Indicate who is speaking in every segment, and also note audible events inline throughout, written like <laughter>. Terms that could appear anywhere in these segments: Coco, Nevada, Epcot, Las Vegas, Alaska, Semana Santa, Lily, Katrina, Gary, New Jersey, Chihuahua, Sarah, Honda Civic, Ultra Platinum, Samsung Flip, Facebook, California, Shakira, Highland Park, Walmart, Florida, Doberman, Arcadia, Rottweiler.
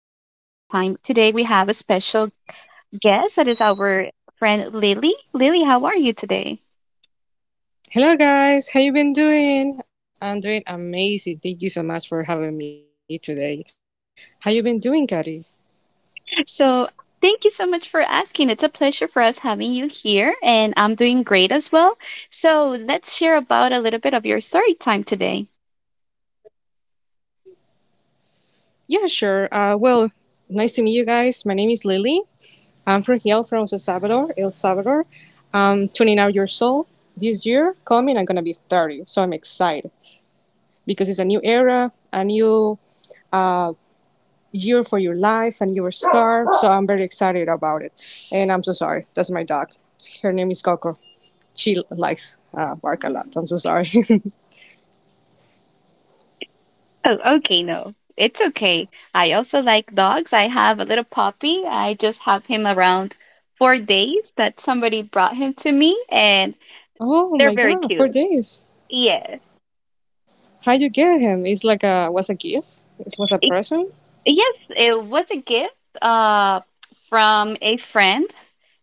Speaker 1: time. Today we have a special guest that is our friend Lily. Lily, how are you today?
Speaker 2: Hello guys, how you been doing? I'm doing amazing. Thank you so much for having me today. How you been doing, Gary?
Speaker 1: So, thank you so much for asking. It's a pleasure for us having you here, and I'm doing great as well. So, let's share about a little bit of your story time today.
Speaker 2: Yeah, sure. Well, nice to meet you guys. My name is Lily. I'm from here, from El Salvador, El Salvador. I'm 29 years old. This year coming, I'm gonna be 30, so I'm excited because it's a new era, a new uh, year for your life, and your start. So I'm very excited about it. And I'm so sorry. That's my dog. Her name is Coco. She likes bark a lot. I'm so sorry. <laughs>
Speaker 1: Oh, okay. No, it's okay. I also like dogs. I have a little puppy. I just have him around 4 days that somebody brought him to me, and
Speaker 2: Oh my
Speaker 1: they're very
Speaker 2: god, four
Speaker 1: cute.
Speaker 2: days.
Speaker 1: Yes.
Speaker 2: How'd you get him? It's like a was a gift? It was a
Speaker 1: It,
Speaker 2: present?
Speaker 1: yes, it was a gift uh from a friend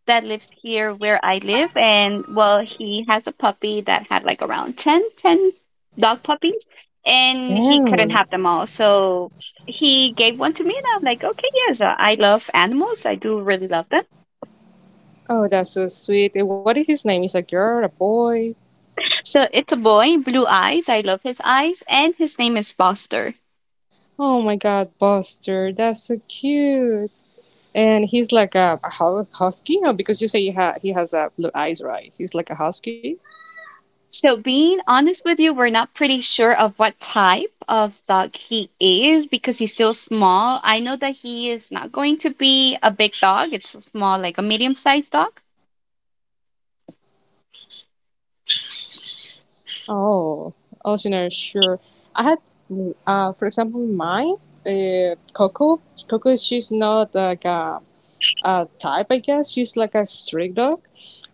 Speaker 1: that lives here where I live, and well, he has a puppy that had like around ten dog puppies, and he couldn't have
Speaker 2: Damn.
Speaker 1: them all. So he gave one to me, and I'm like, "Okay, yes, I love animals. I do really love them."
Speaker 2: Oh, that's so sweet. And what is his name? Is a girl, a boy?
Speaker 1: So it's a boy, blue eyes. I love his eyes, and his name is Foster.
Speaker 2: Oh my god, Buster, that's so cute. And he's like a, husky? Oh, because you say he, he has blue eyes, right? He's like a husky?
Speaker 1: So, being honest with you, we're not pretty sure of what type of dog he is because he's still small. I know that he is not going to be a big dog. It's a small, like a medium sized dog.
Speaker 2: Oh, oh, so you're not sure. I had, for example, mine, Coco. Coco, she's not like a type, I guess. She's like a street dog.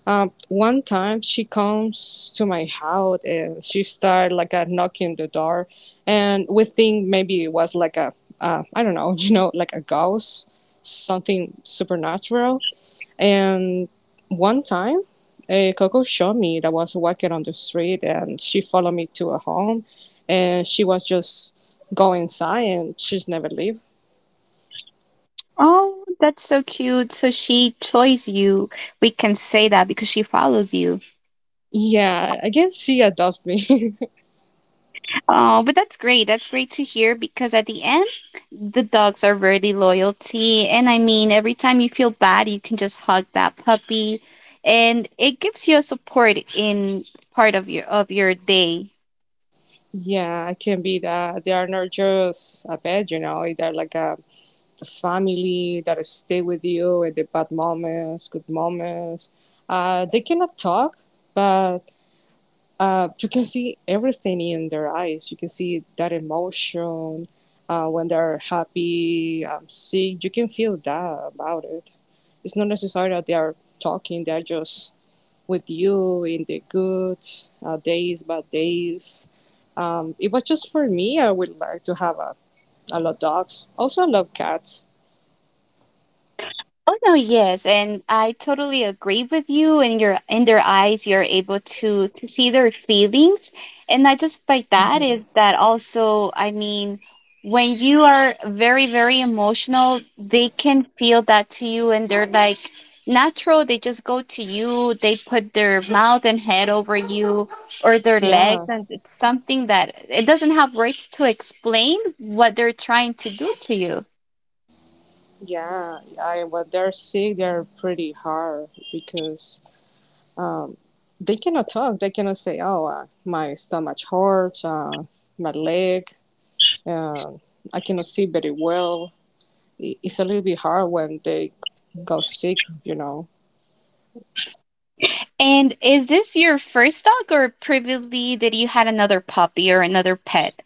Speaker 2: One time she comes to my house and she started like a knocking the door, and we think maybe it was like a I don't know, <laughs> you know, like a ghost, something supernatural. And one time, Coco showed me that I was walking on the street, and she followed me to a home, and she was just going inside, and she's never leave.
Speaker 1: Oh, that's so cute. So, she chose you. We can say that because she follows you.
Speaker 2: Yeah, I guess she adopted me. <laughs>
Speaker 1: Oh, but that's great. That's great to hear because at the end, the dogs are really loyalty. And I mean, every time you feel bad, you can just hug that puppy, and it gives you a support in part of your day.
Speaker 2: Yeah, it can be that they are not just a pet, you know, they're like a family that stay with you in the bad moments, good moments. They cannot talk, but you can see everything in their eyes. You can see that emotion when they're happy, sick. You can feel that about it. It's not necessary that they are talking. They're just with you in the good days, bad days. It was just for me. I would like to have a, I love dogs. Also, I love cats.
Speaker 1: Oh no, yes, and I totally agree with you. And your in their eyes, you're able to see their feelings, and not just by that is that also, I mean, when you are very very emotional, they can feel that to you, and they're like natural. They just go to you. They put their mouth and head over you or their legs,
Speaker 2: Yeah,
Speaker 1: and it's something that it doesn't have words to explain what they're trying to do to you.
Speaker 2: yeah. I, when they're sick, they're pretty hard because um, they cannot talk. They cannot say, "Oh, my stomach hurts, my leg, uh, I cannot see very well." It's a little bit hard when they go sick, you know.
Speaker 1: And is this your first dog, or previously that you had another puppy or another pet?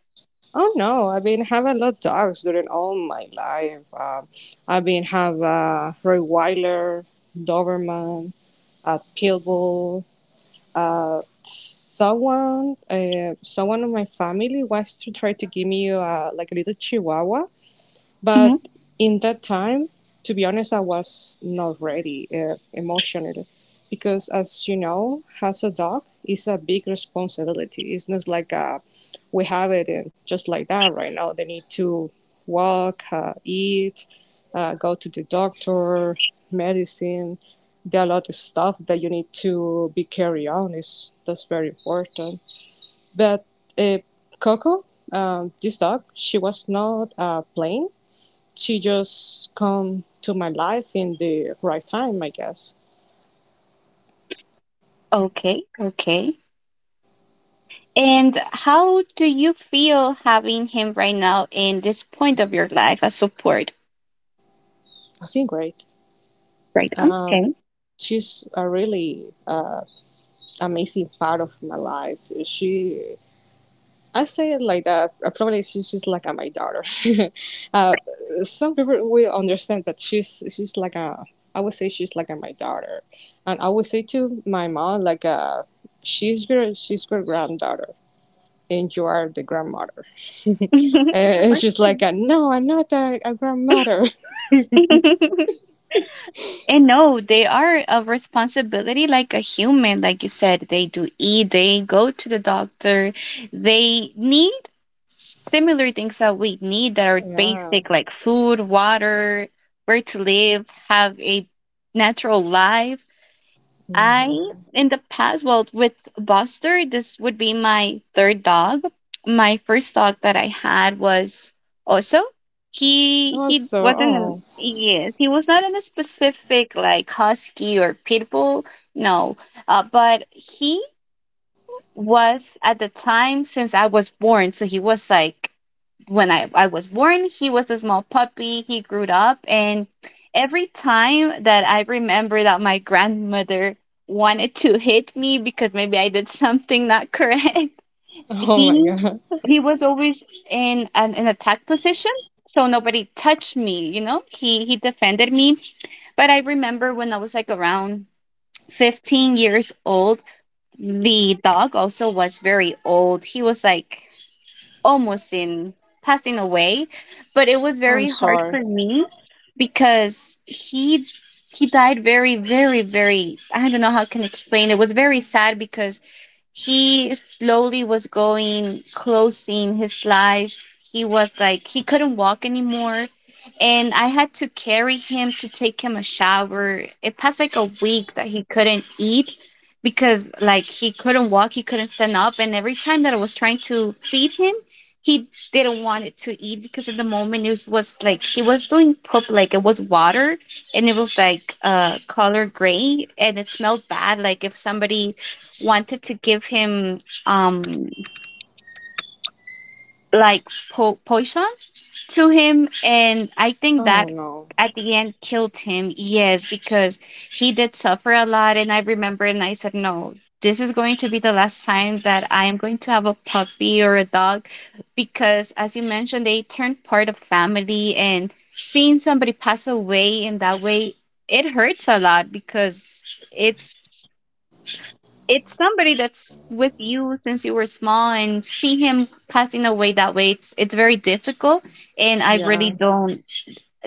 Speaker 2: Oh no! I've been having a lot of dogs during all my life. I've been have a Rottweiler, Doberman, a Pitbull. Uh, someone, someone in my family wants to try to give me like a little Chihuahua,
Speaker 1: Hmm.
Speaker 2: but in that time, to be honest, I was not ready emotionally because, as you know, as a dog, it's a big responsibility. It's not like we have it and just like that right now. They need to walk, eat, go to the doctor, medicine. There are a lot of stuff that you need to be carry on. It's, that's very important. But uh, Coco, this dog, she was not playing she just come to my life in the right time, I guess.
Speaker 1: Okay, okay. And how do you feel having him right now in this point of your life as support?
Speaker 2: I feel great.
Speaker 1: Right.
Speaker 2: Um, she's a really amazing part of my life. She, I say it like that. Probably she's just like my daughter. <laughs> uh, some people will understand that she's like a. I would say she's like a, my daughter, and I would say to my mom like a. She's your granddaughter. And you are the grandmother. <laughs>
Speaker 1: Okay.
Speaker 2: And she's like, no, I'm not a, a grandmother.
Speaker 1: <laughs> And no, they are a responsibility like a human, like you said. They do eat, they go to the doctor, they need similar things that we need that
Speaker 2: <laughs>
Speaker 1: are
Speaker 2: Yeah.
Speaker 1: basic, like food, water, where to live, have a natural life. I
Speaker 2: Hmm.
Speaker 1: in the past, well, with Buster, this would be my third dog. My first dog that I had was also he
Speaker 2: Also,
Speaker 1: wasn't
Speaker 2: oh,
Speaker 1: an yes, he was not in a specific like husky or pit bull, no, but he was at the time since I was born, so he was like when I was born, he was a small puppy. He grew up. And every time that I remember that my grandmother wanted to hit me because maybe I did <laughs> something not correct, <laughs>
Speaker 2: <laughs> oh my
Speaker 1: he
Speaker 2: god.
Speaker 1: he was always in an attack position. So nobody touched me, you know? He defended me. But I remember when I was like around 15 years old, the dog also was very old. He was like almost in passing away, but it was
Speaker 2: I'm
Speaker 1: very hard
Speaker 2: sorry.
Speaker 1: for me because he died very very very, I don't know how I can explain. It was very sad because he slowly was going closing his life. He was like he couldn't walk anymore, and I had to carry him to take him a shower. It passed like a week that he couldn't eat because like he couldn't walk, he couldn't stand up, and every time that I was trying to feed him, he didn't want it to eat because at the moment it was like he was doing poop like it was water, and it was like color gray, and it smelled bad like if somebody wanted to give him um like poison to him, and I think
Speaker 2: Oh
Speaker 1: that
Speaker 2: no.
Speaker 1: at the end killed him. Yes, because he did suffer a lot, and I remember, and I said, no, this is going to be the last time that I am going to have a puppy or a dog because as you mentioned, they turned part of family, and seeing somebody pass away in that way, it hurts a lot because it's somebody that's with you since you were small, and see him passing away that way, it's very difficult, and I really
Speaker 2: Yeah.
Speaker 1: don't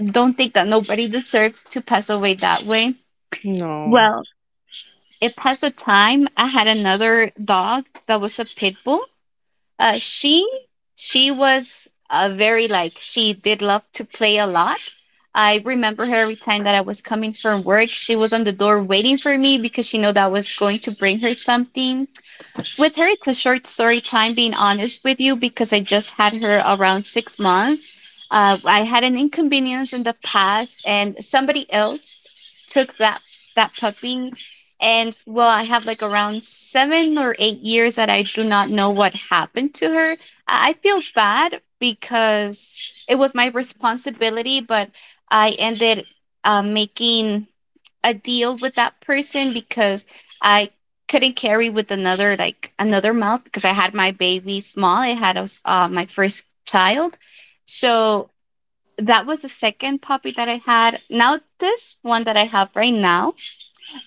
Speaker 1: don't think that nobody deserves to pass away that way.
Speaker 2: No,
Speaker 1: Well, it passed the time, I had another dog that was a pit bull. uh she she was very, like, she did love to play a lot. I remember her every time that I was coming from work, she was on the door waiting for me because she knew that I was going to bring her something with her. It's a short story time, being honest with you, because I just had her around 6 months. I had an inconvenience in the past, and somebody else took that puppy. And well, I have like around 7 or 8 years that I do not know what happened to her. I feel bad because it was my responsibility, but I ended making a deal with that person because I couldn't carry with another like another mouth because I had my baby small. I had my first child, so that was the second puppy that I had. Now this one that I have right now,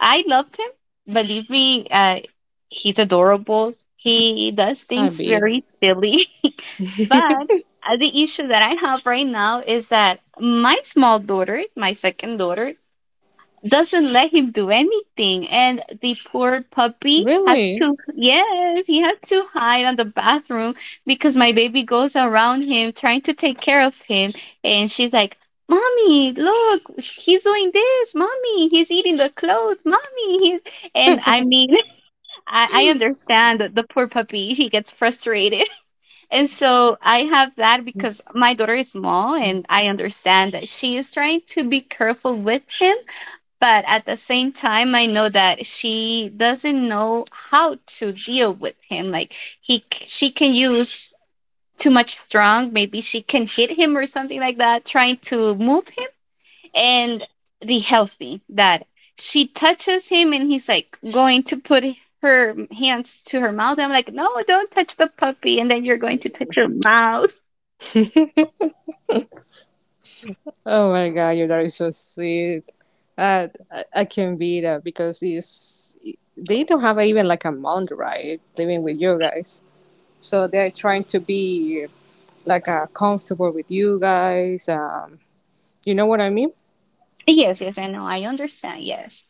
Speaker 1: I love him. Believe me, he's adorable. He does
Speaker 2: I
Speaker 1: things
Speaker 2: beat.
Speaker 1: very silly, <laughs> but the issue that I have right now is that my small daughter, my second daughter, doesn't let him do anything, and the poor puppy has
Speaker 2: Really?
Speaker 1: to, yes, he has to hide on the bathroom because my baby goes around him trying to take care of him, and she's like, "Mommy, look, he's doing this. Mommy, he's eating the clothes. Mommy, he's," and I mean, <laughs> I understand that the poor puppy, he gets frustrated, <laughs> and so I have that because my daughter is small, and I understand that she is trying to be careful with him, but at the same time, I know that she doesn't know how to deal with him. Like she can use too much strong. Maybe she can hit him or something like that, trying to move him. And the healthy that she touches him, and he's like going to put her hands to her mouth. I'm like, no, don't touch the puppy, and then you're going to touch her mouth.
Speaker 2: Oh my god, your dad is so sweet. I can beat that because it's, they don't have even like a month, right? Living with you guys. So they're trying to be like comfortable with you guys. You know what I mean?
Speaker 1: Yes, yes, I know. I understand. Yes.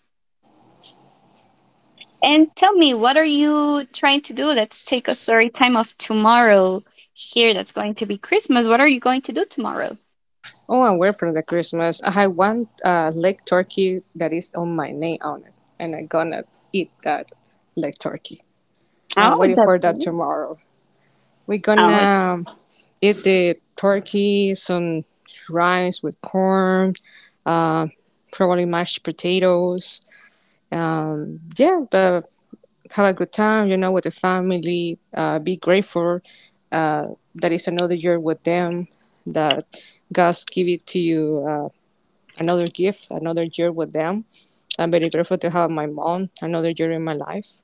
Speaker 1: And tell me, what are you trying to do? Let's take a story time of tomorrow here. That's going to be Christmas. What are you going to do tomorrow?
Speaker 2: Oh, I'm are from the Christmas. I have one leg turkey that is on my name on it, and I'm gonna eat that leg turkey. I'm
Speaker 1: Oh,
Speaker 2: waiting for
Speaker 1: that's
Speaker 2: that
Speaker 1: it.
Speaker 2: tomorrow. We're
Speaker 1: Oh,
Speaker 2: gonna eat the turkey, some rice with corn, uh, probably mashed potatoes. Yeah, but have a good time, you know, with the family. Be grateful uh, that it's another year with them. That God's give it to you. Another gift, another year with them. I'm very grateful to have my mom, another year in my life.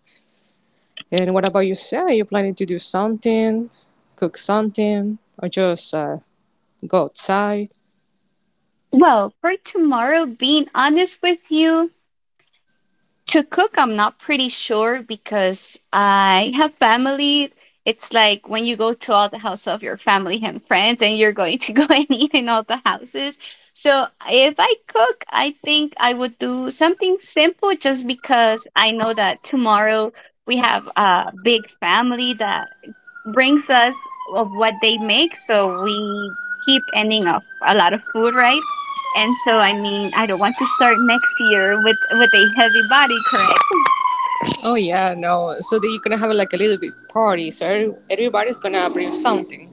Speaker 2: And what about you, Sarah? Are you planning to do something, cook something, or just go outside?
Speaker 1: well, for tomorrow, being honest with you, to cook, I'm not pretty sure because I have family. It's like when you go to all the houses of your family and friends, and you're going to <laughs> go and eat in all the houses. So if I cook, I think I would do something simple just because I know that tomorrow we have a big family that brings us of what they make, so we keep ending up a lot of food, right? And so, I mean, I don't want to start next year with a heavy body. Correct.
Speaker 2: Oh yeah, no. So that you're gonna have like a little bit party. So everybody's gonna bring something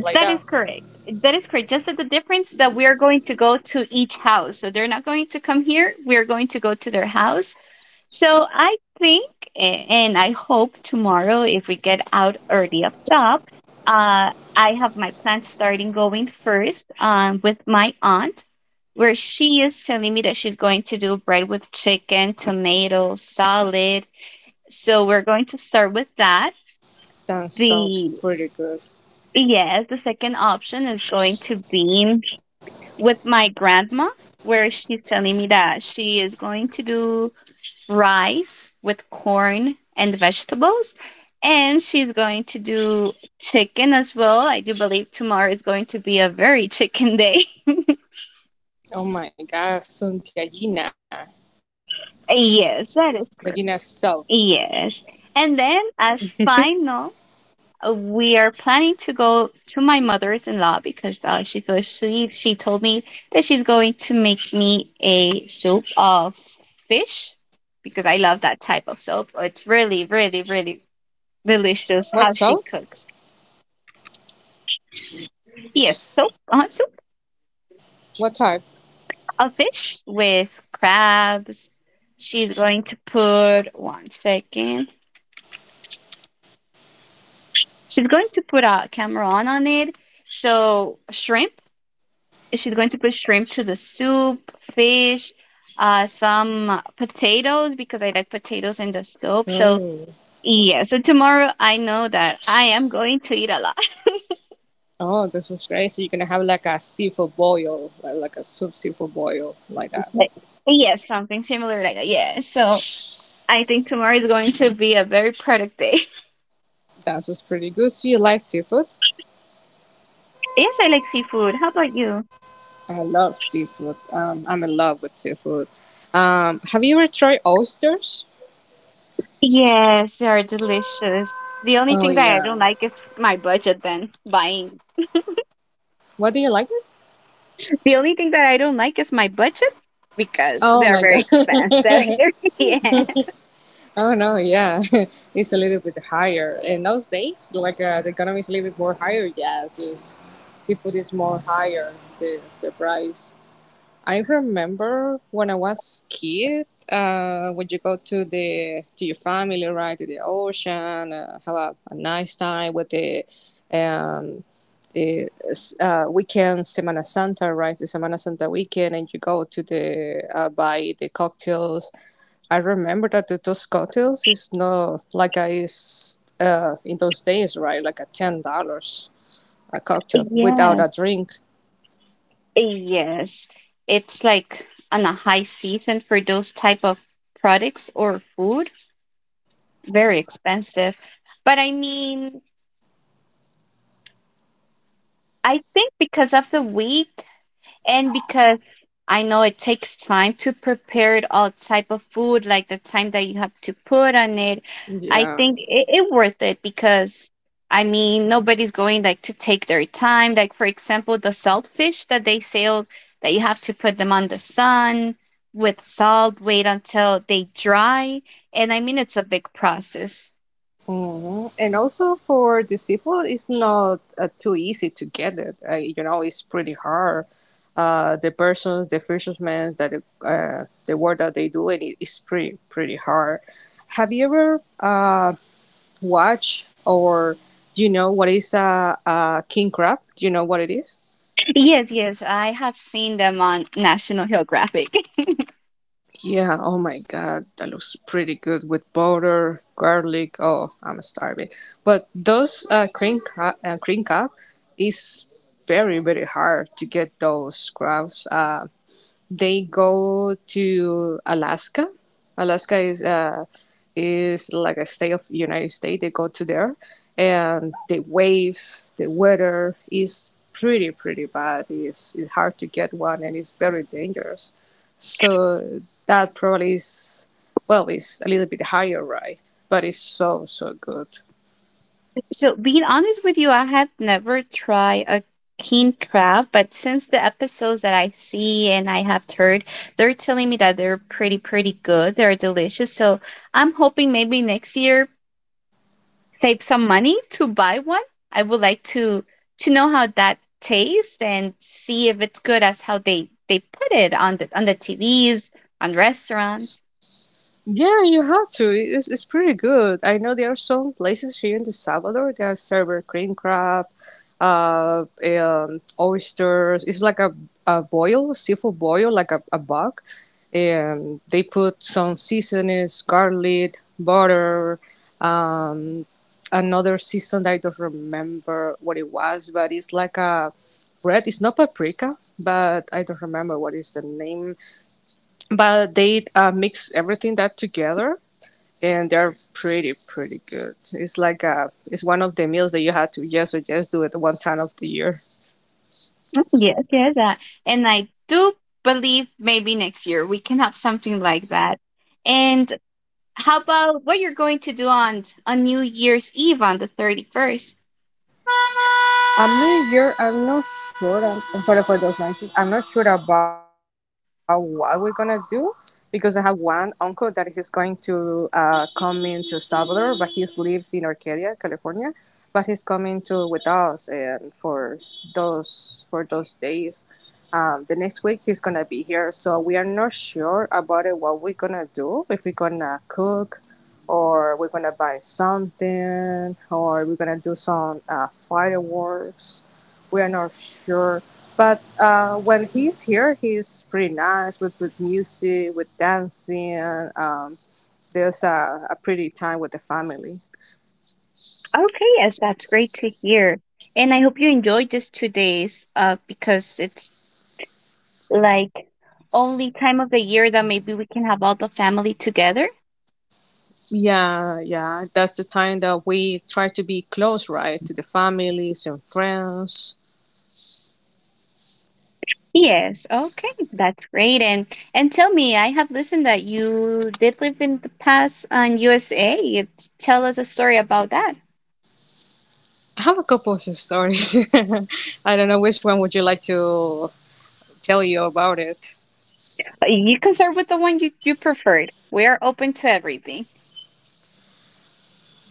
Speaker 2: like
Speaker 1: That
Speaker 2: that.
Speaker 1: is correct. That is correct. Just that the difference that we are going to go to each house, so they're not going to come here. We're going to go to their house. So I think, and I hope tomorrow, if we get out early up top, I have my plans starting going first with my aunt, where she is telling me that she's going to do bread with chicken, tomato, salad. So we're going to start with that.
Speaker 2: That sounds
Speaker 1: The
Speaker 2: pretty good.
Speaker 1: Yes, the second option is going to be with my grandma, where she's telling me that she is going to do rice with corn and vegetables. And she's going to do chicken as well. I do believe tomorrow is going to be a very chicken day. <laughs>
Speaker 2: Oh my God, some gallina, gallina
Speaker 1: Yes, that
Speaker 2: salt.
Speaker 1: is correct. Yes. And then, as final, we are planning to go to my mother's in law because she's so sweet. She told me that she's going to make me a soup of fish because I love that type of soup. It's really, really, really
Speaker 2: What
Speaker 1: delicious how
Speaker 2: salt?
Speaker 1: she cooks. Yes. So, so
Speaker 2: What type?
Speaker 1: a fish with crabs. She's going to put one second. She's going to put a camera on it. So shrimp. She's going to put shrimp to the soup. Fish. Some potatoes because I like potatoes in the soup. So
Speaker 2: Oh.
Speaker 1: yeah. So tomorrow I know that I am going to eat a lot. <laughs>
Speaker 2: Oh, this is great. So you're gonna have like a seafood boil, like a soup seafood boil, like that.
Speaker 1: Like, yes, something similar like that. Yeah. So I think tomorrow is going to be a very productive day. <laughs>
Speaker 2: That's just pretty good. So you like seafood?
Speaker 1: Yes, I like seafood. How about you?
Speaker 2: I love seafood. I'm in love with seafood. Have you ever tried oysters?
Speaker 1: Yes, they are delicious. The only
Speaker 2: Oh
Speaker 1: thing that I
Speaker 2: yeah.
Speaker 1: don't like is my budget then buying.
Speaker 2: What do you like it?
Speaker 1: The only thing that I don't like is my budget because
Speaker 2: Oh
Speaker 1: they're
Speaker 2: my
Speaker 1: very expensive.
Speaker 2: god.
Speaker 1: <laughs> Yeah.
Speaker 2: <laughs> Oh no, yeah. <laughs> It's a little bit higher. In those days, like the economy is a little bit more higher. Yes, it's, seafood is more higher the price. I remember when I was kid, when you go to the to your family, right, to the ocean, have a nice time with the um, the weekend Semana Santa, right, the Semana Santa weekend, and you go to the buy the cocktails. I remember that the, those cocktails is not like I is in those days, right, like a $10 a cocktail without a
Speaker 1: Yes.
Speaker 2: drink.
Speaker 1: Yes. It's like on a high season for those type of products or food, very expensive. But I mean, I think because of the wheat, and because I know it takes time to prepare it, all type of food, like the time that you have to put on it, I
Speaker 2: Yeah.
Speaker 1: think it worth it because I mean nobody's going like to take their time. Like, for example, the salt fish that they sell, that you have to put them on the sun with salt, wait until they dry, and I mean it's a big process.
Speaker 2: Mhm. And also for the seafood, it's not too easy to get it. You know, it's pretty hard. The persons, the fishermen, that the work that they do, and it is pretty hard. Have you ever watched or do you know what is a king crab? Do you know what it is?
Speaker 1: Yes. Yes, I have seen them on National Geographic.
Speaker 2: Yeah, oh my god, that looks pretty good with butter, garlic. Oh, I'm starving. But those cream cup is very hard to get those crabs. They go to Alaska. Alaska is like a state of United States. They go to there, and the waves, the weather is pretty bad. It's hard to get one, and it's very dangerous. So that probably is well, it's a little bit higher, right? But it's so so good.
Speaker 1: So, being honest with you, I have never tried a king crab, but since the episodes that I see and I have heard, they're telling me that they're pretty, pretty good. They're delicious. So, I'm hoping maybe next year save some money to buy one. I would like to know how that tastes and see if it's good as how they put it on the TVs, on restaurants.
Speaker 2: Yeah, you have to. It's pretty good. I know there are some places here in the Salvador that serve cream crab, uh, oysters. It's like a boil, seafood boil, like a bug. And they put some seasonings, garlic, butter, um, another season that I don't remember what it was, but it's like a red. It's not paprika, but I don't remember what is the name but they mix everything that together and they're pretty good it's like a, it's one of the meals that you have to yes or yes do it one time of the year
Speaker 1: Yes, yes. And I do believe maybe next year we can have something like that. And how about what you're going to do on New Year's Eve on the 31st?
Speaker 2: I'm not sure. I'm not sure. I'm sorry for those noises. I'm not sure about what we're gonna do because I have one uncle that is going to come into Salvador, but he lives in Arcadia, California. But he's coming to with us, and for those days, the next week he's gonna be here. So we are not sure about it, what we're gonna do. If we're gonna cook, or we're gonna buy something, or we're gonna do some fireworks. We are not sure. But when he's here, he's pretty nice with music, with dancing. Um, there's a pretty time with the family.
Speaker 1: Okay, yes, that's great to hear. And I hope you enjoyed these 2 days because it's like only time of the year that maybe we can have all the family together.
Speaker 2: Yeah, yeah. That's the time that we try to be close, right, to the families and friends.
Speaker 1: Yes, okay, that's great. And tell me, I have listened that you did live in the past on USA. You tell us a story about that.
Speaker 2: I have a couple of stories. <laughs> I don't know which one would you like to tell you about it.
Speaker 1: You can start with the one you preferred. We are open to everything.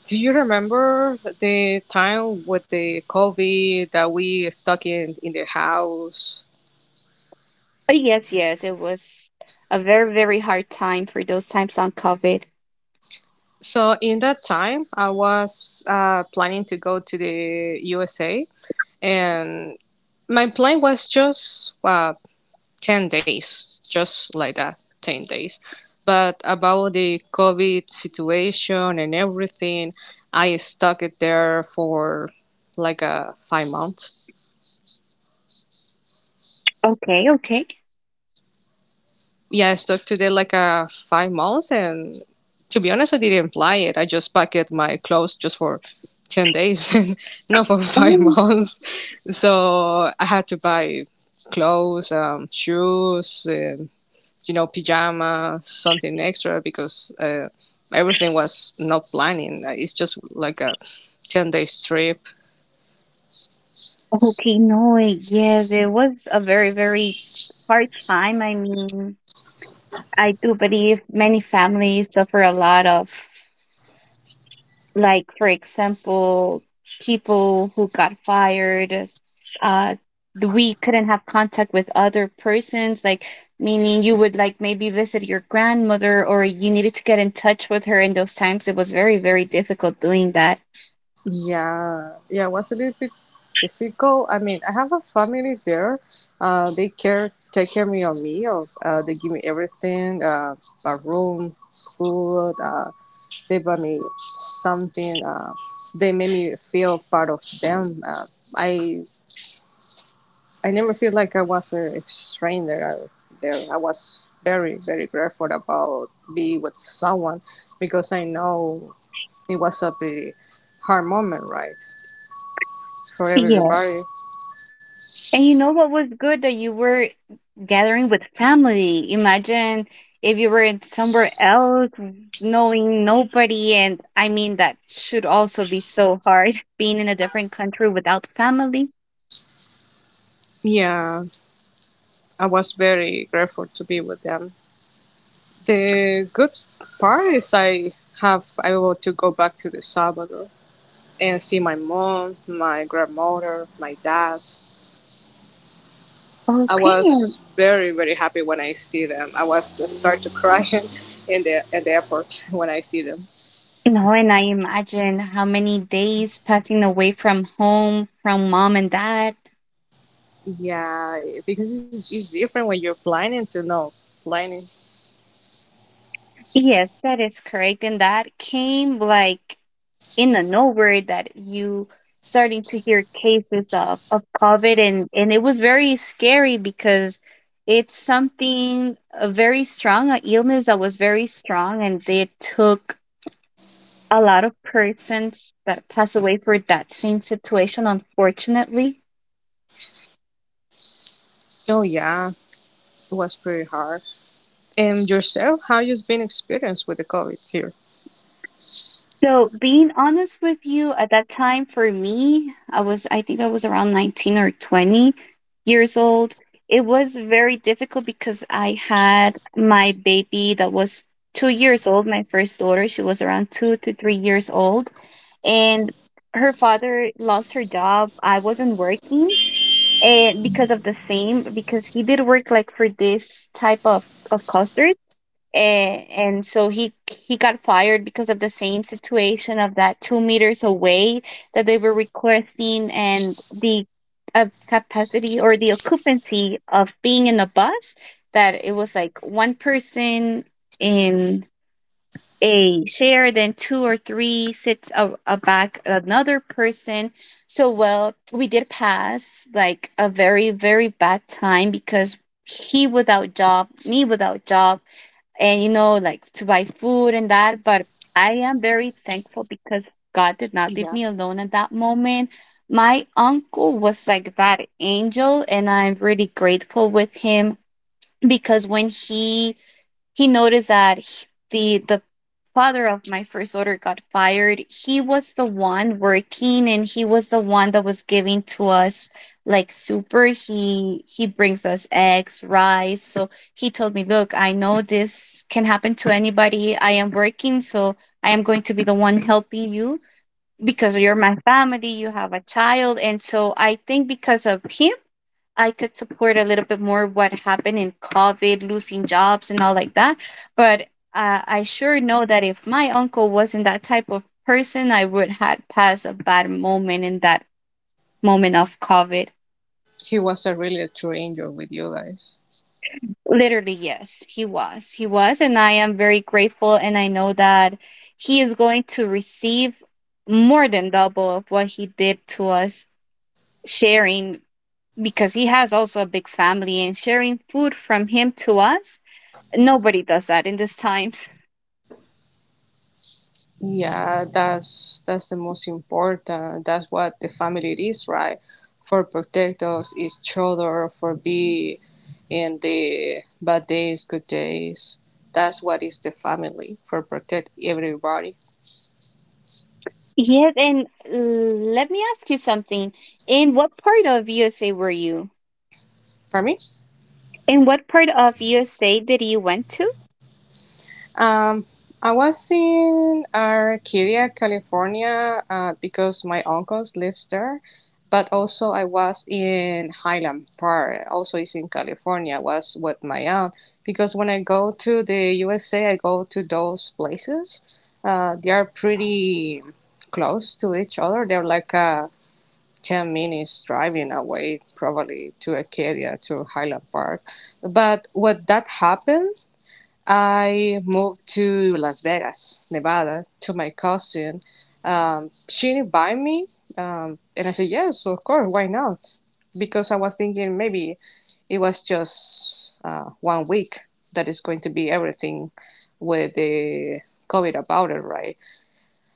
Speaker 2: Do you remember the time with the COVID that we stuck in the house?
Speaker 1: Yes, yes, it was a very, very hard time for those times on COVID.
Speaker 2: So in that time, I was planning to go to the USA, and my plan was just 10 days, just like that, 10 days. But about the COVID situation and everything, I stuck it there for like 5 months.
Speaker 1: Okay, okay.
Speaker 2: Yeah, I stuck to it like 5 months, and to be honest, I didn't apply it. I just packed my clothes just for 10 days, <laughs> and not for five
Speaker 1: Oh,
Speaker 2: months. So I had to buy clothes, shoes, you know, pajamas, something extra because everything was not planning. It's just like a 10 days trip.
Speaker 1: okay, no, yes, it was a very, very hard time. I mean, I do believe many families suffer a lot of, like, for example, people who got fired, uh we couldn't have contact with other persons, like, meaning you would like maybe visit your grandmother or you needed to get in touch with her. In those times it was very, very difficult doing that.
Speaker 2: Yeah, yeah, it was a little bit difficult. I mean, I have a family there. They care, take care of me on meals. They give me everything, a room, food. They buy me something. They made me feel part of them. I, I never feel like I was a stranger there. I was very, very grateful about be with someone because I know it was a pretty hard moment, right? For everybody.
Speaker 1: And you know what was good that you were gathering with family. Imagine if you were in somewhere else, knowing nobody, and I mean that should also be so hard <laughs> being in a different country without family.
Speaker 2: Yeah, I was very grateful to be with them. The good part is I able to go back to the Salvador and see my mom, my grandmother, my dad. I
Speaker 1: Okay, no,
Speaker 2: was very very happy when I see them. I start to cry <laughs> in the at the airport when I see them.
Speaker 1: and I imagine how many days passing away from home, from mom and dad.
Speaker 2: Yeah, because it's different when you're planning to know planning.
Speaker 1: Yes, that is correct, and that came like in the nowhere that you starting to hear cases of COVID, and it was very scary because it's something a very strong, a illness that was very strong and they took a lot of persons that passed away for that same situation, unfortunately.
Speaker 2: Oh yeah, it was pretty hard. And yourself, how you've been experienced with the COVID here?
Speaker 1: So, being honest with you, at that time for me, I was, I think I was around 19 or 20 years old. It was very difficult because I had my baby that was 2 years old, my first daughter. She was around 2 to 3 years old. And her father lost her job. I wasn't working. And because of the same, because he did work like for this type of cost, and so he got fired because of the same situation of that 2 meters away that they were requesting, and the capacity or the occupancy of being in a bus that it was like one person in a share, then two or three sits a, back another person. So, well,
Speaker 2: Yeah.
Speaker 1: we did pass like a very, very bad time because he without job, me without job, and you know, like, to buy food and that. But I am very thankful because God did not leave me alone at that moment. My uncle was like that angel and I'm really grateful with him because when he noticed that the father of my first daughter got fired, he was the one working and he was the one that was giving to us, like, super. He brings us eggs, rice. So he told me, look, I know this can happen to anybody, I am working, so I am going to be the one helping you because you're my family, you have a child. And so, I think because of him I could support a little bit more what happened in COVID, losing jobs and all like that. But I sure know that if my uncle wasn't that type of person, I would had passed a bad moment in that moment of COVID.
Speaker 2: He was a really a true angel with you guys.
Speaker 1: Literally, yes, he was. He was, and I am very grateful. And I know that he is going to receive more than double of what he did to us, sharing, because he has also a big family and sharing food from him to us. Nobody does that in these times.
Speaker 2: Yeah, that's the most important. That's what the family is, right? For protect us each other, for be in the bad days, good days. That's what is the family for protect everybody.
Speaker 1: Yes, and let me ask you something. In what part of USA were you?
Speaker 2: For me?
Speaker 1: In what part of USA did you went to?
Speaker 2: Um, I was in Arcadia, California, because my uncles lives there. But also, I was in Highland Park, also is in California. Was with my aunt because when I go to the USA, I go to those places. They are pretty close to each other. They're like a 10 minutes driving away, probably to Arcadia to Highland Park. But what that happened I moved to Las Vegas, Nevada, to my cousin. She invited me, and I said yes, of course, why not? Because I was thinking maybe it was just one week that is going to be everything with the COVID about it, right?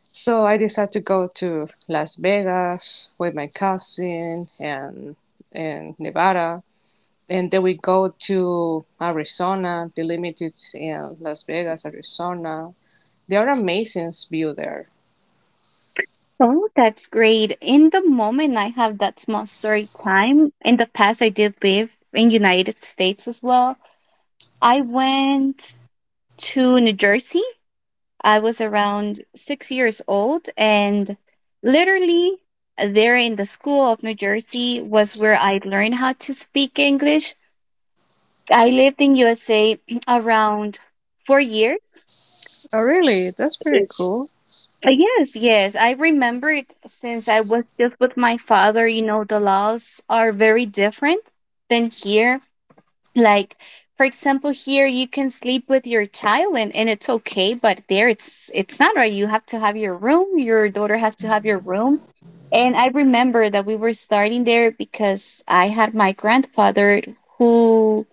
Speaker 2: So I decided to go to Las Vegas with my cousin and Nevada and then we go to Arizona, the limited in Las Vegas, Arizona. They are amazing view there.
Speaker 1: Oh, that's great. In the moment, I have that small story time. In the past, I did live in United States as well. I went to New Jersey. I was around 6 years old, and literally there in the school of New Jersey was where I learned how to speak English. I lived in USA around 4 years.
Speaker 2: Oh, really? That's
Speaker 1: Uh,
Speaker 2: pretty cool.
Speaker 1: Yes, yes. I remember it since I was just with my father. You know, the laws are very different than here. Like, for example, here you can sleep with your child and it's okay, but there it's not right. You have to have your room. Your daughter has to have your room. And I remember that we were starting there because I had my grandfather who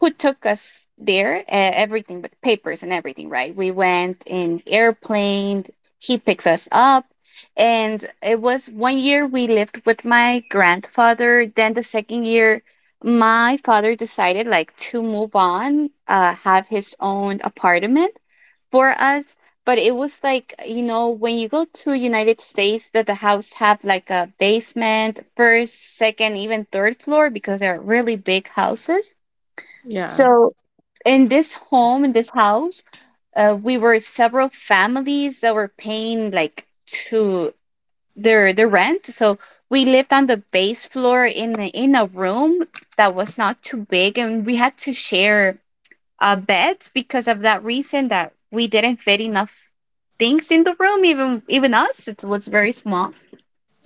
Speaker 1: who took us there, everything but papers and everything, right? We went in airplane, he picks us up. And it was 1 year we lived with my grandfather. Then the second year, my father decided like to move on, have his own apartment for us. But it was like, you know, when you go to United States, that the house have like a basement, first, second, even third floor because they're really big houses.
Speaker 2: Yeah.
Speaker 1: So in this home, in this house, we were several families that were paying like to their rent. So we lived on the base floor in in a room that was not too big, and we had to share a bed because of that reason that we didn't fit enough things in the room. Even us, it was very small.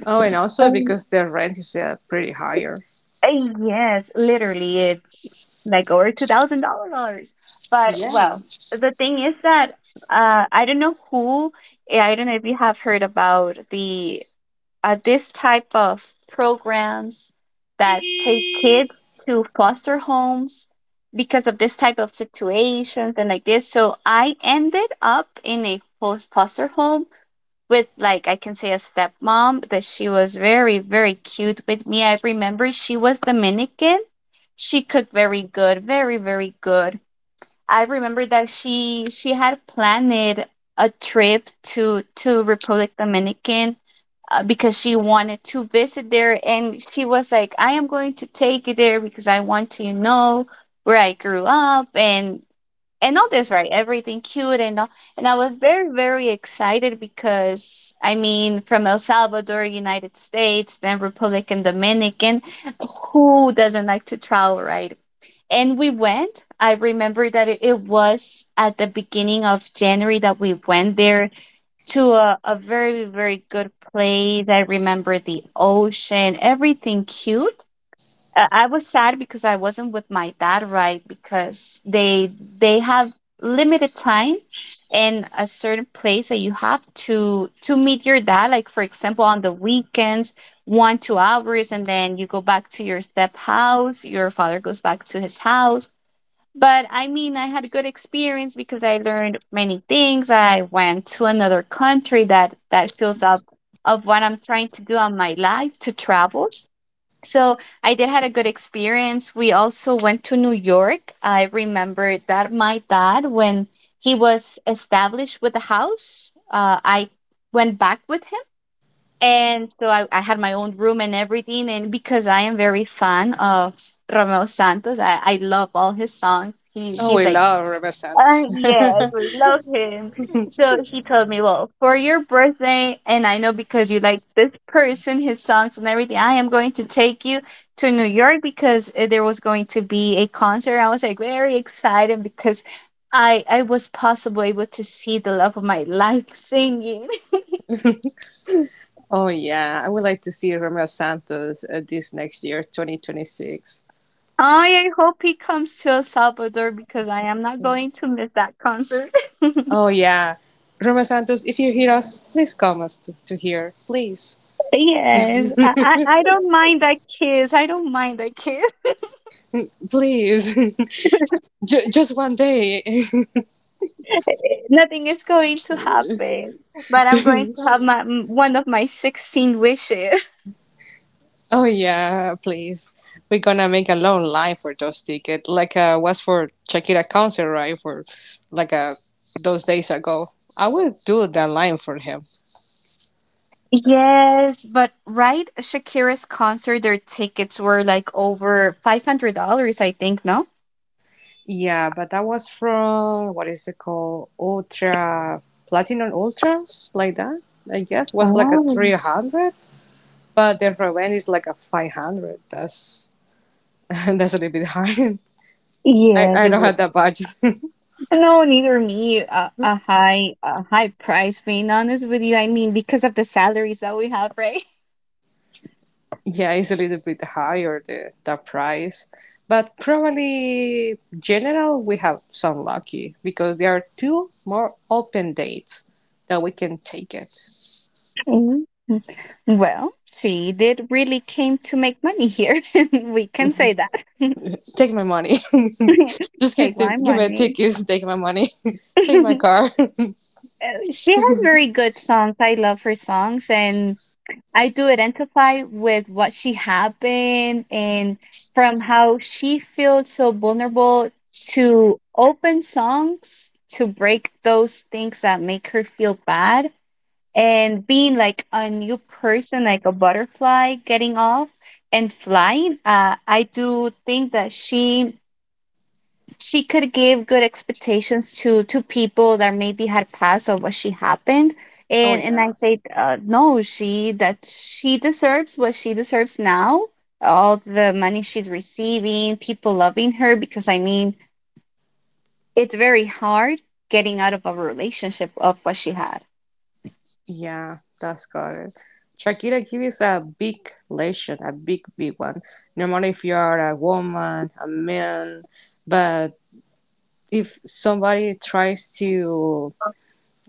Speaker 2: Oh, and also because the rent is pretty higher.
Speaker 1: Uh, Yes, literally, it's like over $2,000. But
Speaker 2: Yeah.
Speaker 1: well, the thing is that I don't know who. I don't know if you have heard about the this type of programs that take kids to foster homes because of this type of situations and like this. So I ended up in a foster home with like I can say a stepmom that she was very, very cute with me. I remember she was Dominican. She cooked very good, very, very good. I remember that she had planned a trip to Republic Dominican, because she wanted to visit there and she was like, I am going to take you there because I want to, you know, where I grew up and all this, right? Everything cute and all. And I was very, very excited because I mean, from El Salvador, United States, then Republic and Dominican, who doesn't like to travel, right? And we went. I remember that it was at the beginning of January that we went there to a very, very good place. I remember the ocean, everything cute. I was sad because I wasn't with my dad, right? Because they have limited time and a certain place that you have to meet your dad. Like, for example, on the weekends, one two hours, and then you go back to your step house. Your father goes back to his house. But I mean, I had a good experience because I learned many things. I went to another country that fills up of what I'm trying to do on my life to travel, so I did had a good experience. We also went to New York. I remember that my dad, when he was established with the house, I went back with him, and so I had my own room and everything. And because I am very fan of Romeo Santos, I love all his songs. He
Speaker 2: Oh,
Speaker 1: he's
Speaker 2: we
Speaker 1: like.
Speaker 2: love Romeo Santos.
Speaker 1: Yes, we
Speaker 2: <laughs>
Speaker 1: love him. So he told me, "Well, for your birthday, and I know because you like this person, his songs and everything, I am going to take you to New York because there was going to be a concert." I was like very excited because I was possibly able to see the love of my life singing.
Speaker 2: Oh, yeah. I would like to see Romeo Santos this next year, 2026.
Speaker 1: <laughs> I hope he comes to El Salvador because I am not going to miss that concert. <laughs>
Speaker 2: Oh, yeah. Romeo Santos, if you hear us, please come us to here. Please.
Speaker 1: Yes, I don't mind that kiss. I don't mind that kiss.
Speaker 2: Please. <laughs>
Speaker 1: <laughs>
Speaker 2: Just one day. <laughs>
Speaker 1: Nothing is going to happen, but I'm going to have one of my 16 wishes. <laughs>
Speaker 2: Oh yeah, please. We're gonna make a long line for those tickets, like was for Shakira concert, right? For like those days ago, I will do that line for him.
Speaker 1: Yes, but right, Shakira's concert, their tickets were like over $500, I think, no?
Speaker 2: Yeah, but that was from what is it called? Ultra Platinum Ultra, like that. I guess was like a three
Speaker 1: Oh.
Speaker 2: hundred, but the revenge is like a 500. That's <laughs> that's a little bit high. <laughs> I
Speaker 1: Yes,
Speaker 2: I
Speaker 1: it
Speaker 2: don't
Speaker 1: would.
Speaker 2: have that budget. <laughs>
Speaker 1: No, neither me. A high price. Being honest with you, I mean, because of the salaries that we have, right?
Speaker 2: Yeah, it's a little bit higher the price, but probably general we have some lucky because there are two more open dates that we can take it.
Speaker 1: Mhm. Well, she did really came to make money here. <laughs> We can say that.
Speaker 2: Take my money. <laughs> Just
Speaker 1: <laughs> Take my
Speaker 2: give me a
Speaker 1: money.
Speaker 2: ticket. Take my money. <laughs>
Speaker 1: <laughs>
Speaker 2: Take my
Speaker 1: She
Speaker 2: car. <laughs>
Speaker 1: has very good songs. I love her songs, and I do identify with what she happened and from how she feels so vulnerable to open songs to break those things that make her feel bad and being like a new person, like a butterfly getting off and flying. I do think that she could give good expectations to people that maybe had passed of what she happened,
Speaker 2: Oh
Speaker 1: and I
Speaker 2: yeah,
Speaker 1: said, no, she that she deserves what she deserves now, all the money she's receiving, people loving her, because I mean, it's very hard getting out of a relationship of what she had.
Speaker 2: yeah, that's got it. Shakira gives a big lesson, a big one. No matter if you are a woman, a man, but if somebody tries to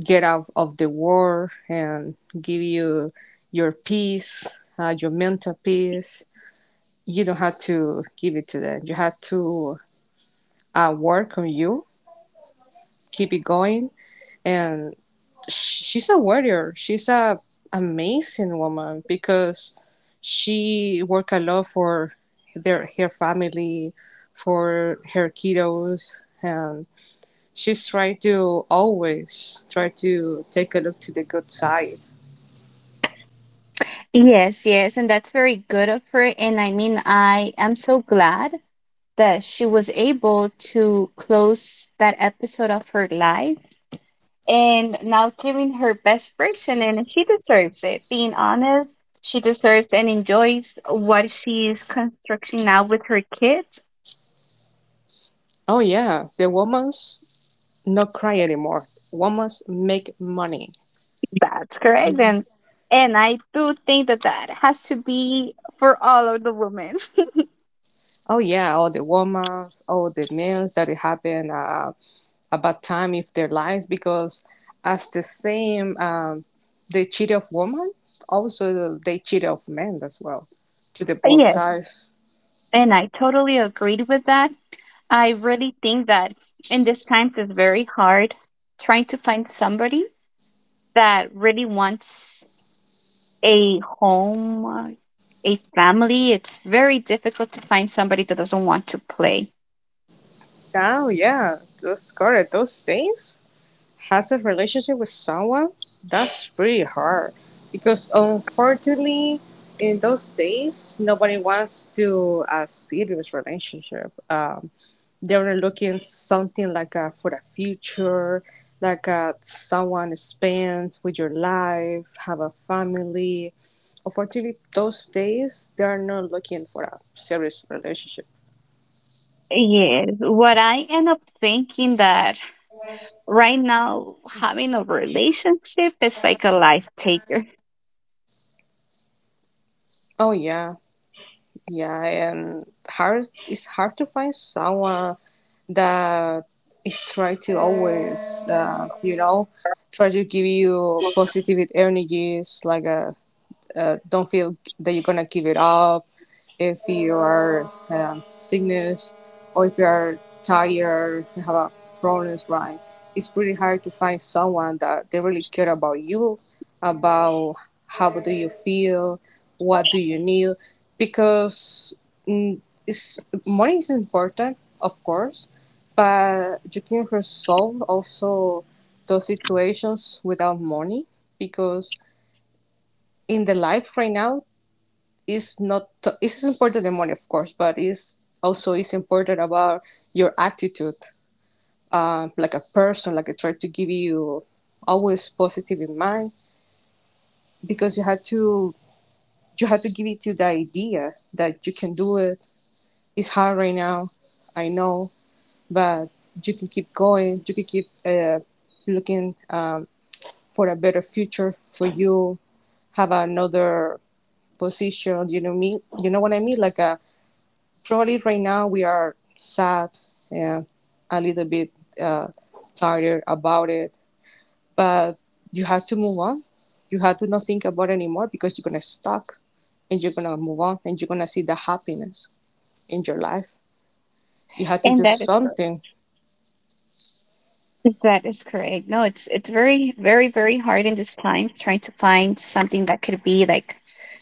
Speaker 2: get out of the war and give you your peace, your mental peace. You don't have to give it to them. You have to work on you, keep it going. And she's a warrior. She's a amazing woman because she worked a lot for their her family, for her kiddos, and she's trying to always try to take a look to the good side.
Speaker 1: Yes, yes, and that's very good of her, and I mean, I am so glad that she was able to close that episode of her life and now giving her best version, and she deserves it. Being honest, she deserves and enjoys what she is constructing now with her kids.
Speaker 2: Oh yeah, the woman's not cry anymore. Woman's make money.
Speaker 1: That's correct, and
Speaker 2: Mhm.
Speaker 1: and I do think that that has to be for all of the women. <laughs>
Speaker 2: Oh yeah, all the woman's, all the men's that it happen about time if their lives because as the same they cheat of woman, also they cheat of men as well to the both
Speaker 1: Yes,
Speaker 2: sides.
Speaker 1: and I totally agreed with that. I really think that in these times it's very hard trying to find somebody that really wants a home, a family. It's very difficult to find somebody that doesn't want to play.
Speaker 2: Oh yeah, those correct those things. Has a relationship with someone, that's pretty hard. Because unfortunately, in those days, nobody wants to a serious relationship. They're looking something like a for the future, like a someone to spend with your life, have a family. Unfortunately, those days, they're not looking for a serious relationship.
Speaker 1: Yes, what I end up thinking that right now having a relationship is like a life taker,
Speaker 2: Oh, yeah. Yeah, and hard it's hard to find someone that is try to always, you know, try to give you positive energies, like a don't feel that you're gonna give it up if you are sickness or if you are tired you have a problems right it's pretty hard to find someone that they really care about you about how do you feel what do you need because mm, it's, money is important of course but you can resolve also those situations without money because in the life right now is not it's important the money of course but it's also it's important about your attitude like a person like I try to give you always positive in mind because you had to give it to the idea that you can do it it's hard right now I know but you can keep going you can keep looking for a better future for you have another position you know me you know what I mean like probably right now we are sad yeah, a little bit uh, tired about it, but you have to move on. You have to not think about it anymore because you're gonna stuck and you're gonna move on and you're gonna see the happiness in your life. You have to
Speaker 1: and
Speaker 2: do
Speaker 1: that is correct.
Speaker 2: something.
Speaker 1: That is correct. No, it's very very very hard in this time trying to find something that could be like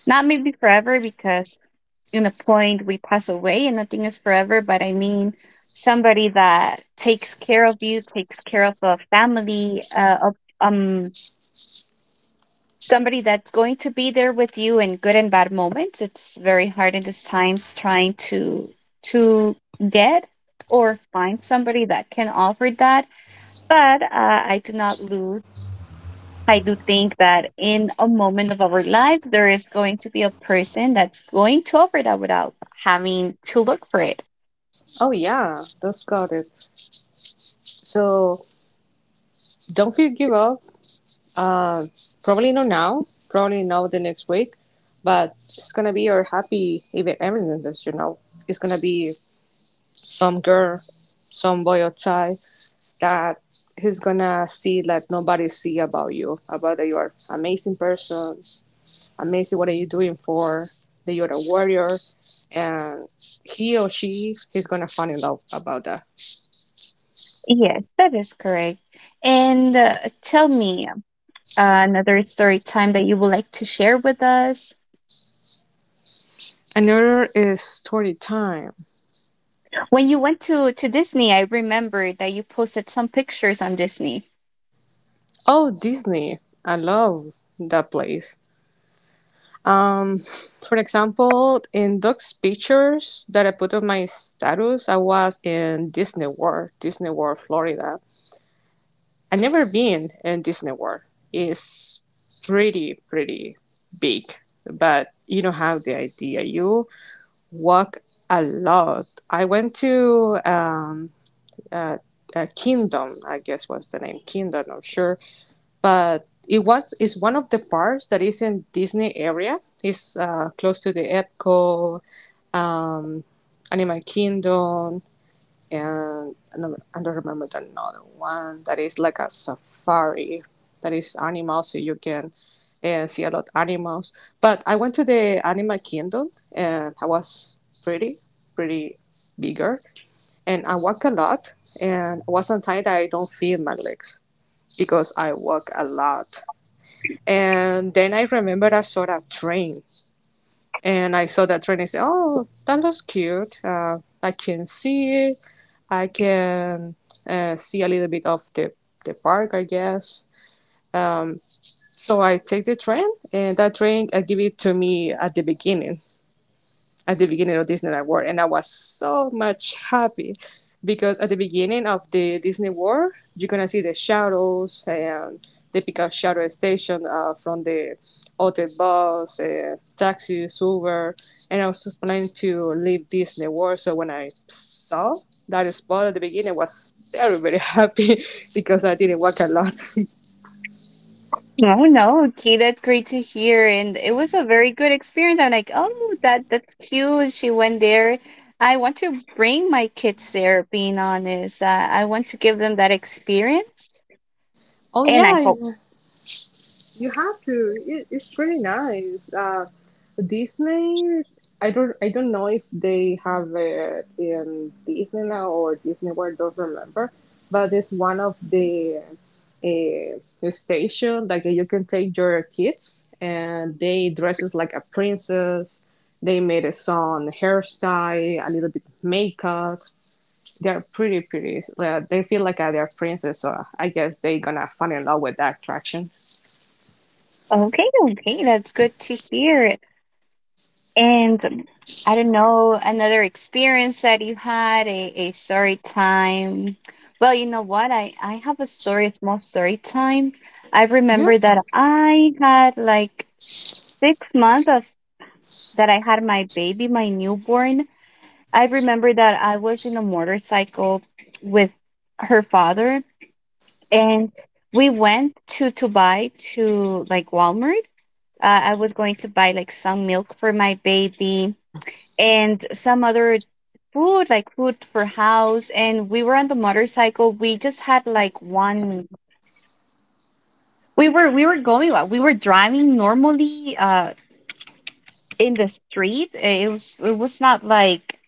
Speaker 1: not maybe forever, because in a point we pass away and nothing is forever, but I mean, somebody that takes care of you, takes care of a family, of, um somebody that's going to be there with you in good and bad moments. It's very hard in these times trying to get or find somebody that can offer that, but I do not lose. I do think that in a moment of our life there is going to be a person that's going to offer that without having to look for it.
Speaker 2: Oh yeah, that's got it. So don't feel give up. Uh, probably not now. Probably not the next week. But it's gonna be your happy event evidence, you know. It's gonna be some girl, some boy outside that he's gonna see like nobody see about you, about that you are amazing person, amazing what are you doing for, that you're a warrior, and he or she is gonna fall in love about that.
Speaker 1: Yes, that is correct. And tell me, another story time that you would like to share with us.
Speaker 2: Another is story time.
Speaker 1: When you went to Disney, I remember that you posted some pictures on Disney.
Speaker 2: Oh, Disney. I love that place. For example, in those pictures that I put on my status, I was in Disney World, Disney World, Florida. I've never been in Disney World. It's pretty, pretty big, but you don't have the idea. You walk a lot. I went to uh, Kingdom, I guess was the name, Kingdom, I'm sure, but it was is one of the parks that is in Disney area. It's close to the Epcot, um, Animal Kingdom, and I don't remember the another one that is like a safari that is animals so you can see a lot of animals but I went to the Animal Kingdom and I was pretty pretty bigger and I walk a lot and I wasn't tired that I don't feel my legs because I walk a lot and then I remember I saw a train and I saw that train. I said, "Oh, that was cute. I can see it. I can see a little bit of the park, I guess." Um, so I take the train, and that train I give it to me at the beginning of Disney World, and I was so much happy because at the beginning of the Disney World, you're gonna see the shadows and they pick up shadow station from the hotel bus, taxi, Uber, and I was planning to leave Disney World. So when I saw that spot at the beginning, I was very very happy <laughs> because I didn't walk a lot.
Speaker 1: Oh no, okay, that's great to hear, and it was a very good experience. I'm like, oh, that's cute. She went there. I want to bring my kids there. Being honest, I want to give them that experience,
Speaker 2: <laughs> Oh
Speaker 1: and I
Speaker 2: yeah,
Speaker 1: hope.
Speaker 2: you have to. It's really nice. Disney. I don't know if they have it in Disney now or Disney World. Don't remember. But it's one of the station that you can take your kids, and they dresses like a princess. They made a song, hairstyle, a little bit of makeup. They're pretty, pretty. They feel like they're princess, so I guess they gonna fall in love with that attraction.
Speaker 1: Okay, okay, that's good to hear. And I don't know, another experience that you had, a story time. Well, you know what? I have a story, a small story time. I
Speaker 2: Yeah.
Speaker 1: remember that I had like 6 months of that I had my baby, my newborn. I remember that I was in a motorcycle with her father, and we went to buy to like Walmart. I was going to buy like some milk for my baby and some other food like food for house, and we were on the motorcycle, we just had like one, we were going, we were driving normally in the street. It was not like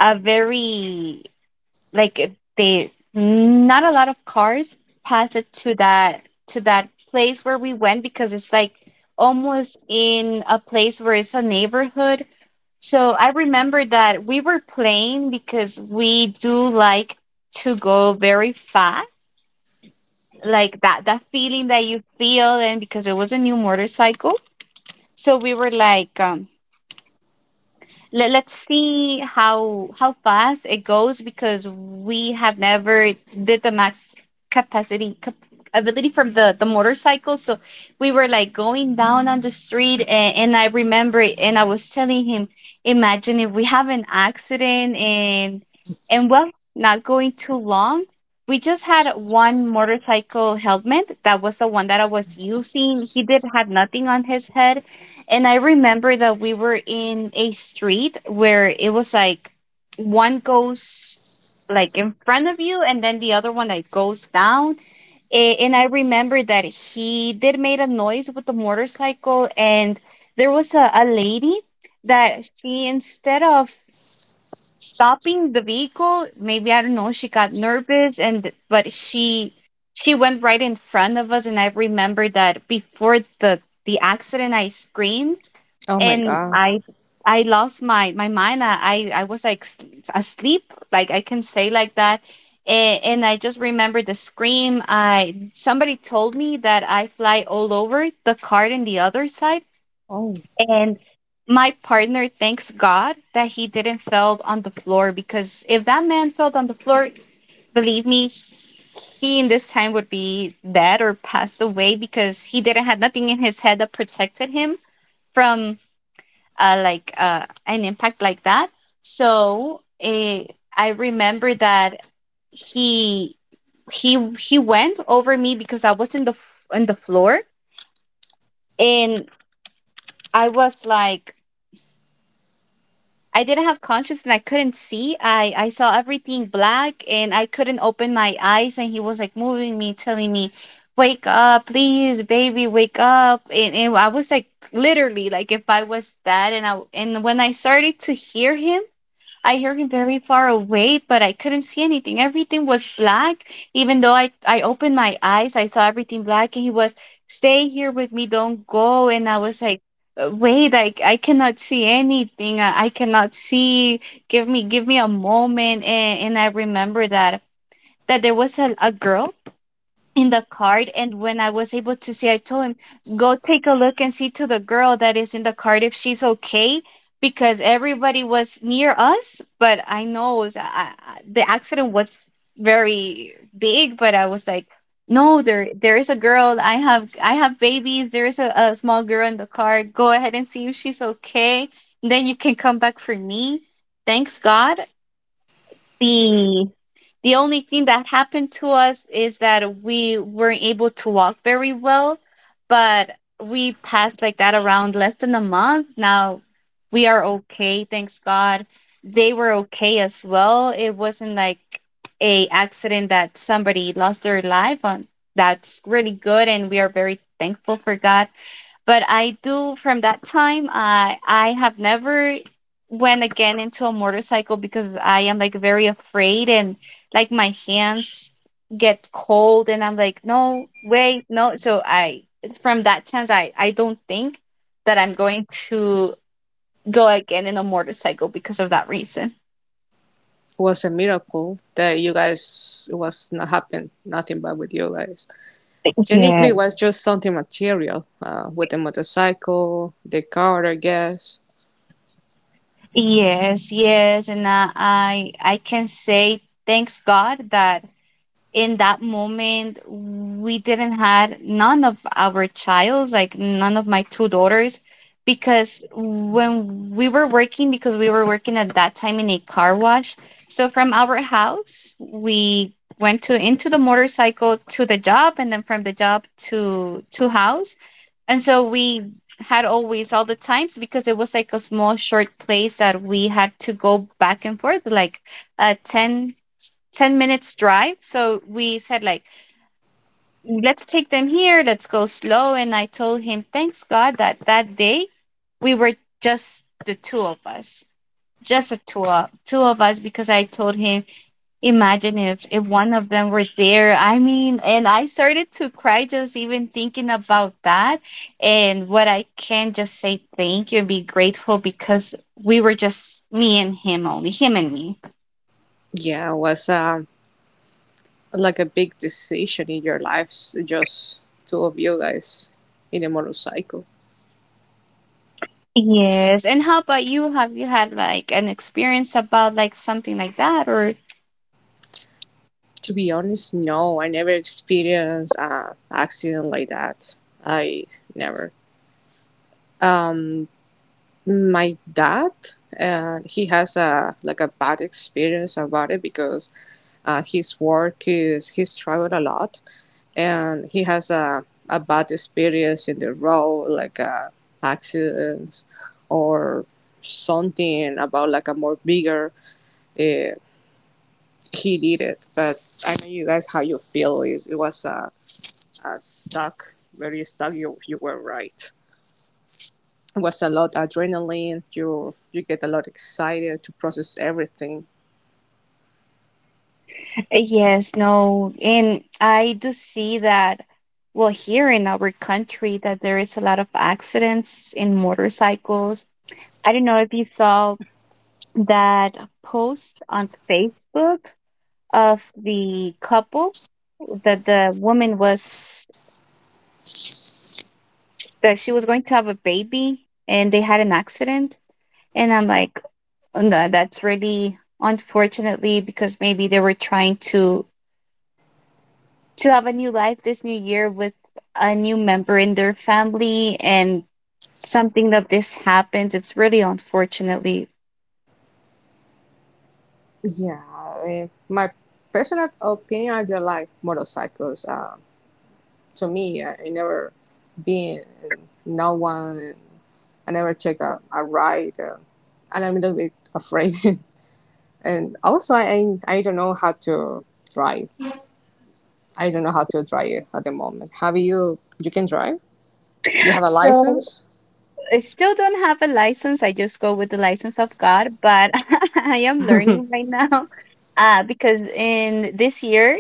Speaker 1: a very like they not a lot of cars passed it to that place where we went, because it's like almost in a place where it's a neighborhood. So I remember that we were playing, because we do like to go very fast, like that feeling that you feel, and because it was a new motorcycle. So we were like, let's see how fast it goes, because we have never did the max capacity ability from the motorcycle. So we were like going down on the street, and I remember it, and I was telling him, imagine if we have an accident, and well, not going too long, we just had one motorcycle helmet, that was the one that I was using. He did have nothing on his head, and I remember that we were in a street where it was like one goes like in front of you, and then the other one like goes down. And I remember that he did made a noise with the motorcycle, and there was a lady that, she instead of stopping the vehicle, maybe I don't know, she got nervous, and but she went right in front of us. And I remember that before the accident I screamed,
Speaker 2: Oh my
Speaker 1: and
Speaker 2: god.
Speaker 1: I lost my mind. I was like asleep, like I can say like that. And I just remember the scream. I Somebody told me that I fly all over the card and the other side,
Speaker 2: Oh,
Speaker 1: and my partner, thanks God that he didn't fell on the floor, because if that man fell on the floor, believe me, he in this time would be dead or passed away, because he didn't have nothing in his head that protected him from like an impact like that. So I remember that he he went over me, because I was on the floor, and I was like, I didn't have conscience and I couldn't see. I saw everything black, and I couldn't open my eyes, and he was like moving me, telling me, "Wake up, please, baby, wake up." And I was like literally, like if I was that, and when I started to hear him, I heard him very far away, but I couldn't see anything. Everything was black. Even though I opened my eyes, I saw everything black, and he was, "Stay here with me, don't go." And I was like, "Wait, like I cannot see anything. I cannot see. Give me a moment." And I remember that there was a girl in the card, and when I was able to see, I told him, "Go take a look and see to the girl that is in the card if she's okay," because everybody was near us, but I know it was- I- the accident was very big. But I was like, no, there is a girl, I have babies, there is a small girl in the car, go ahead and see if she's okay, then you can come back for me. Thanks God the the only thing that happened to us is that we weren't able to walk very well, but we passed like that around less than a month. Now we are okay, thanks God. They were okay as well. It wasn't like a accident that somebody lost their life on. That's really good, and we are very thankful for God. But I do, from that time I have never went again into a motorcycle, because I am like very afraid, and like my hands get cold, and I'm like no, wait, no. So I it's from that chance I don't think that I'm going to go again in a motorcycle because of that reason.
Speaker 2: it was a miracle that you guys it was not happened nothing bad with you guys.
Speaker 1: Yeah.
Speaker 2: Technically, it was just something material with the motorcycle, the car, I guess.
Speaker 1: Yes, yes, and I can say thanks God that in that moment we didn't had none of our childs, like none of my two daughters, because we were working at that time in a car wash. So from our house we went to into the motorcycle to the job, and then from the job to house. And so we had always all the times, because it was like a small short place that we had to go back and forth, like a 10 minutes drive. So we said like, let's take them here, let's go slow. And I told him, thanks God that that day we were just the two of us, just a two of us, because I told him, imagine if one of them were there. I mean, and I started to cry just even thinking about that. And what I can just say, thank you and be grateful, because we were just me and him only, him and me.
Speaker 2: Yeah, it was like a big decision in your lives, just two of you guys in a motorcycle.
Speaker 1: Yes. And how about you? Have you had like an experience about like something like that? Or
Speaker 2: To be honest, no, I never experienced an accident like that. I never. Um, my dad he has a like a bad experience about it because his work is he's traveled a lot and he has a bad experience in the road like accidents or something about like a more bigger uh, he did it but I know you guys how you feel is it was a stuck very stuck you, you were right was a lot of adrenaline. You get a lot excited to process everything.
Speaker 1: yes, no. And I do see that well here in our country that there is a lot of accidents in motorcycles. I don't know if you saw that post on Facebook of the couple that the woman was that she was going to have a baby, and they had an accident, and I'm like, no, that's really unfortunately, because maybe they were trying to have a new life this new year with a new member in their family, and something of this happens. It's really unfortunately.
Speaker 2: Yeah, I mean, my personal opinion, I don't like motorcycles. To me, I never been and no one. I never take a ride, and I'm a little bit afraid. <laughs> And also, I don't know how to drive. I don't know how to drive at the moment. Have you? You can drive. You have a
Speaker 1: So
Speaker 2: license.
Speaker 1: I still don't have a license. I just go with the license of God, but <laughs> I am learning right now, because in this year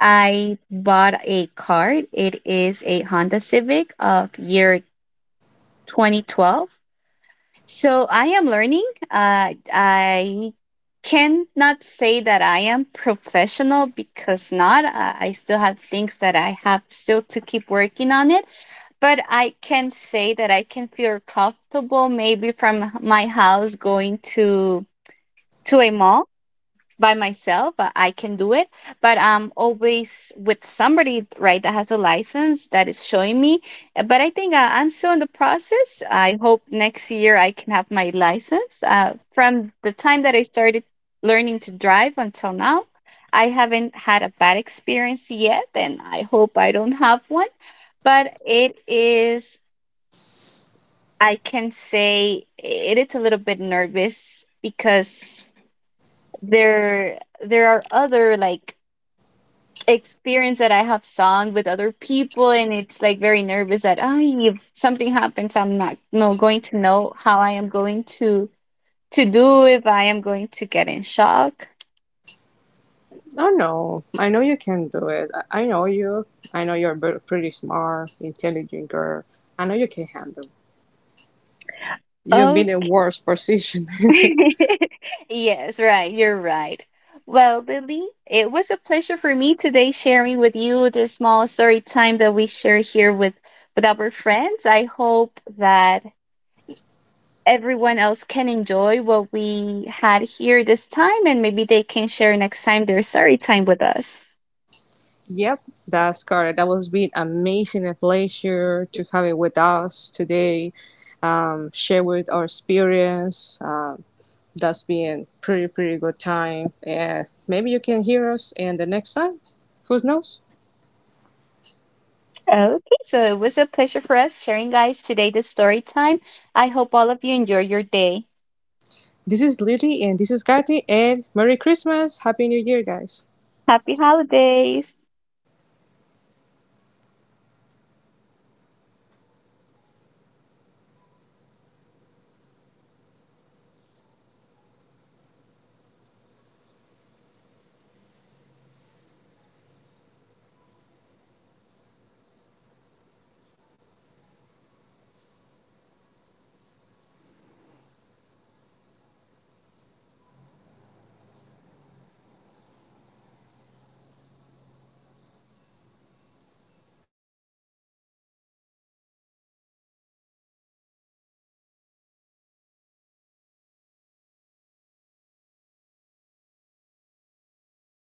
Speaker 1: I bought a car. It is a Honda Civic of year 2012. So I am learning. I cannot say that I am professional, because not. I still have things that I have still to keep working on it. But I can say that I can feel comfortable maybe from my house going to a mall by myself. I can do it, but I'm always with somebody, right, that has a license, that is showing me. But I think I'm still in the process. I hope next year I can have my license. From the time that I started learning to drive until now, I haven't had a bad experience yet, and I hope I don't have one. But it is, I can say, it is a little bit nervous, because there are other like experience that I have sung with other people, and it's like very nervous that if something happens, I'm not no going to know how I am going to do if I am going to get in shock.
Speaker 2: No, no. I know you can do it. I know you. I know you're a pretty smart, intelligent girl. I know you can handle. You've
Speaker 1: Oh,
Speaker 2: been in worse position.
Speaker 1: <laughs> yes, right, you're right. Well, Lily, it was a pleasure for me today sharing with you the small story time that we share here with our friends. I hope that everyone else can enjoy what we had here this time, and maybe they can share next time their story time with us.
Speaker 2: <laughs> Yep, that's Scarlett. That was been amazing. A pleasure to have it with us today. Share with our experience. That's been pretty good time. And maybe you can hear us in the next time. Who knows?
Speaker 1: Okay, so it was a pleasure for us sharing guys today the story time. I hope all of you enjoy your day.
Speaker 2: This is Lily and this is Kathy. And Merry Christmas, Happy New Year, guys.
Speaker 1: Happy holidays.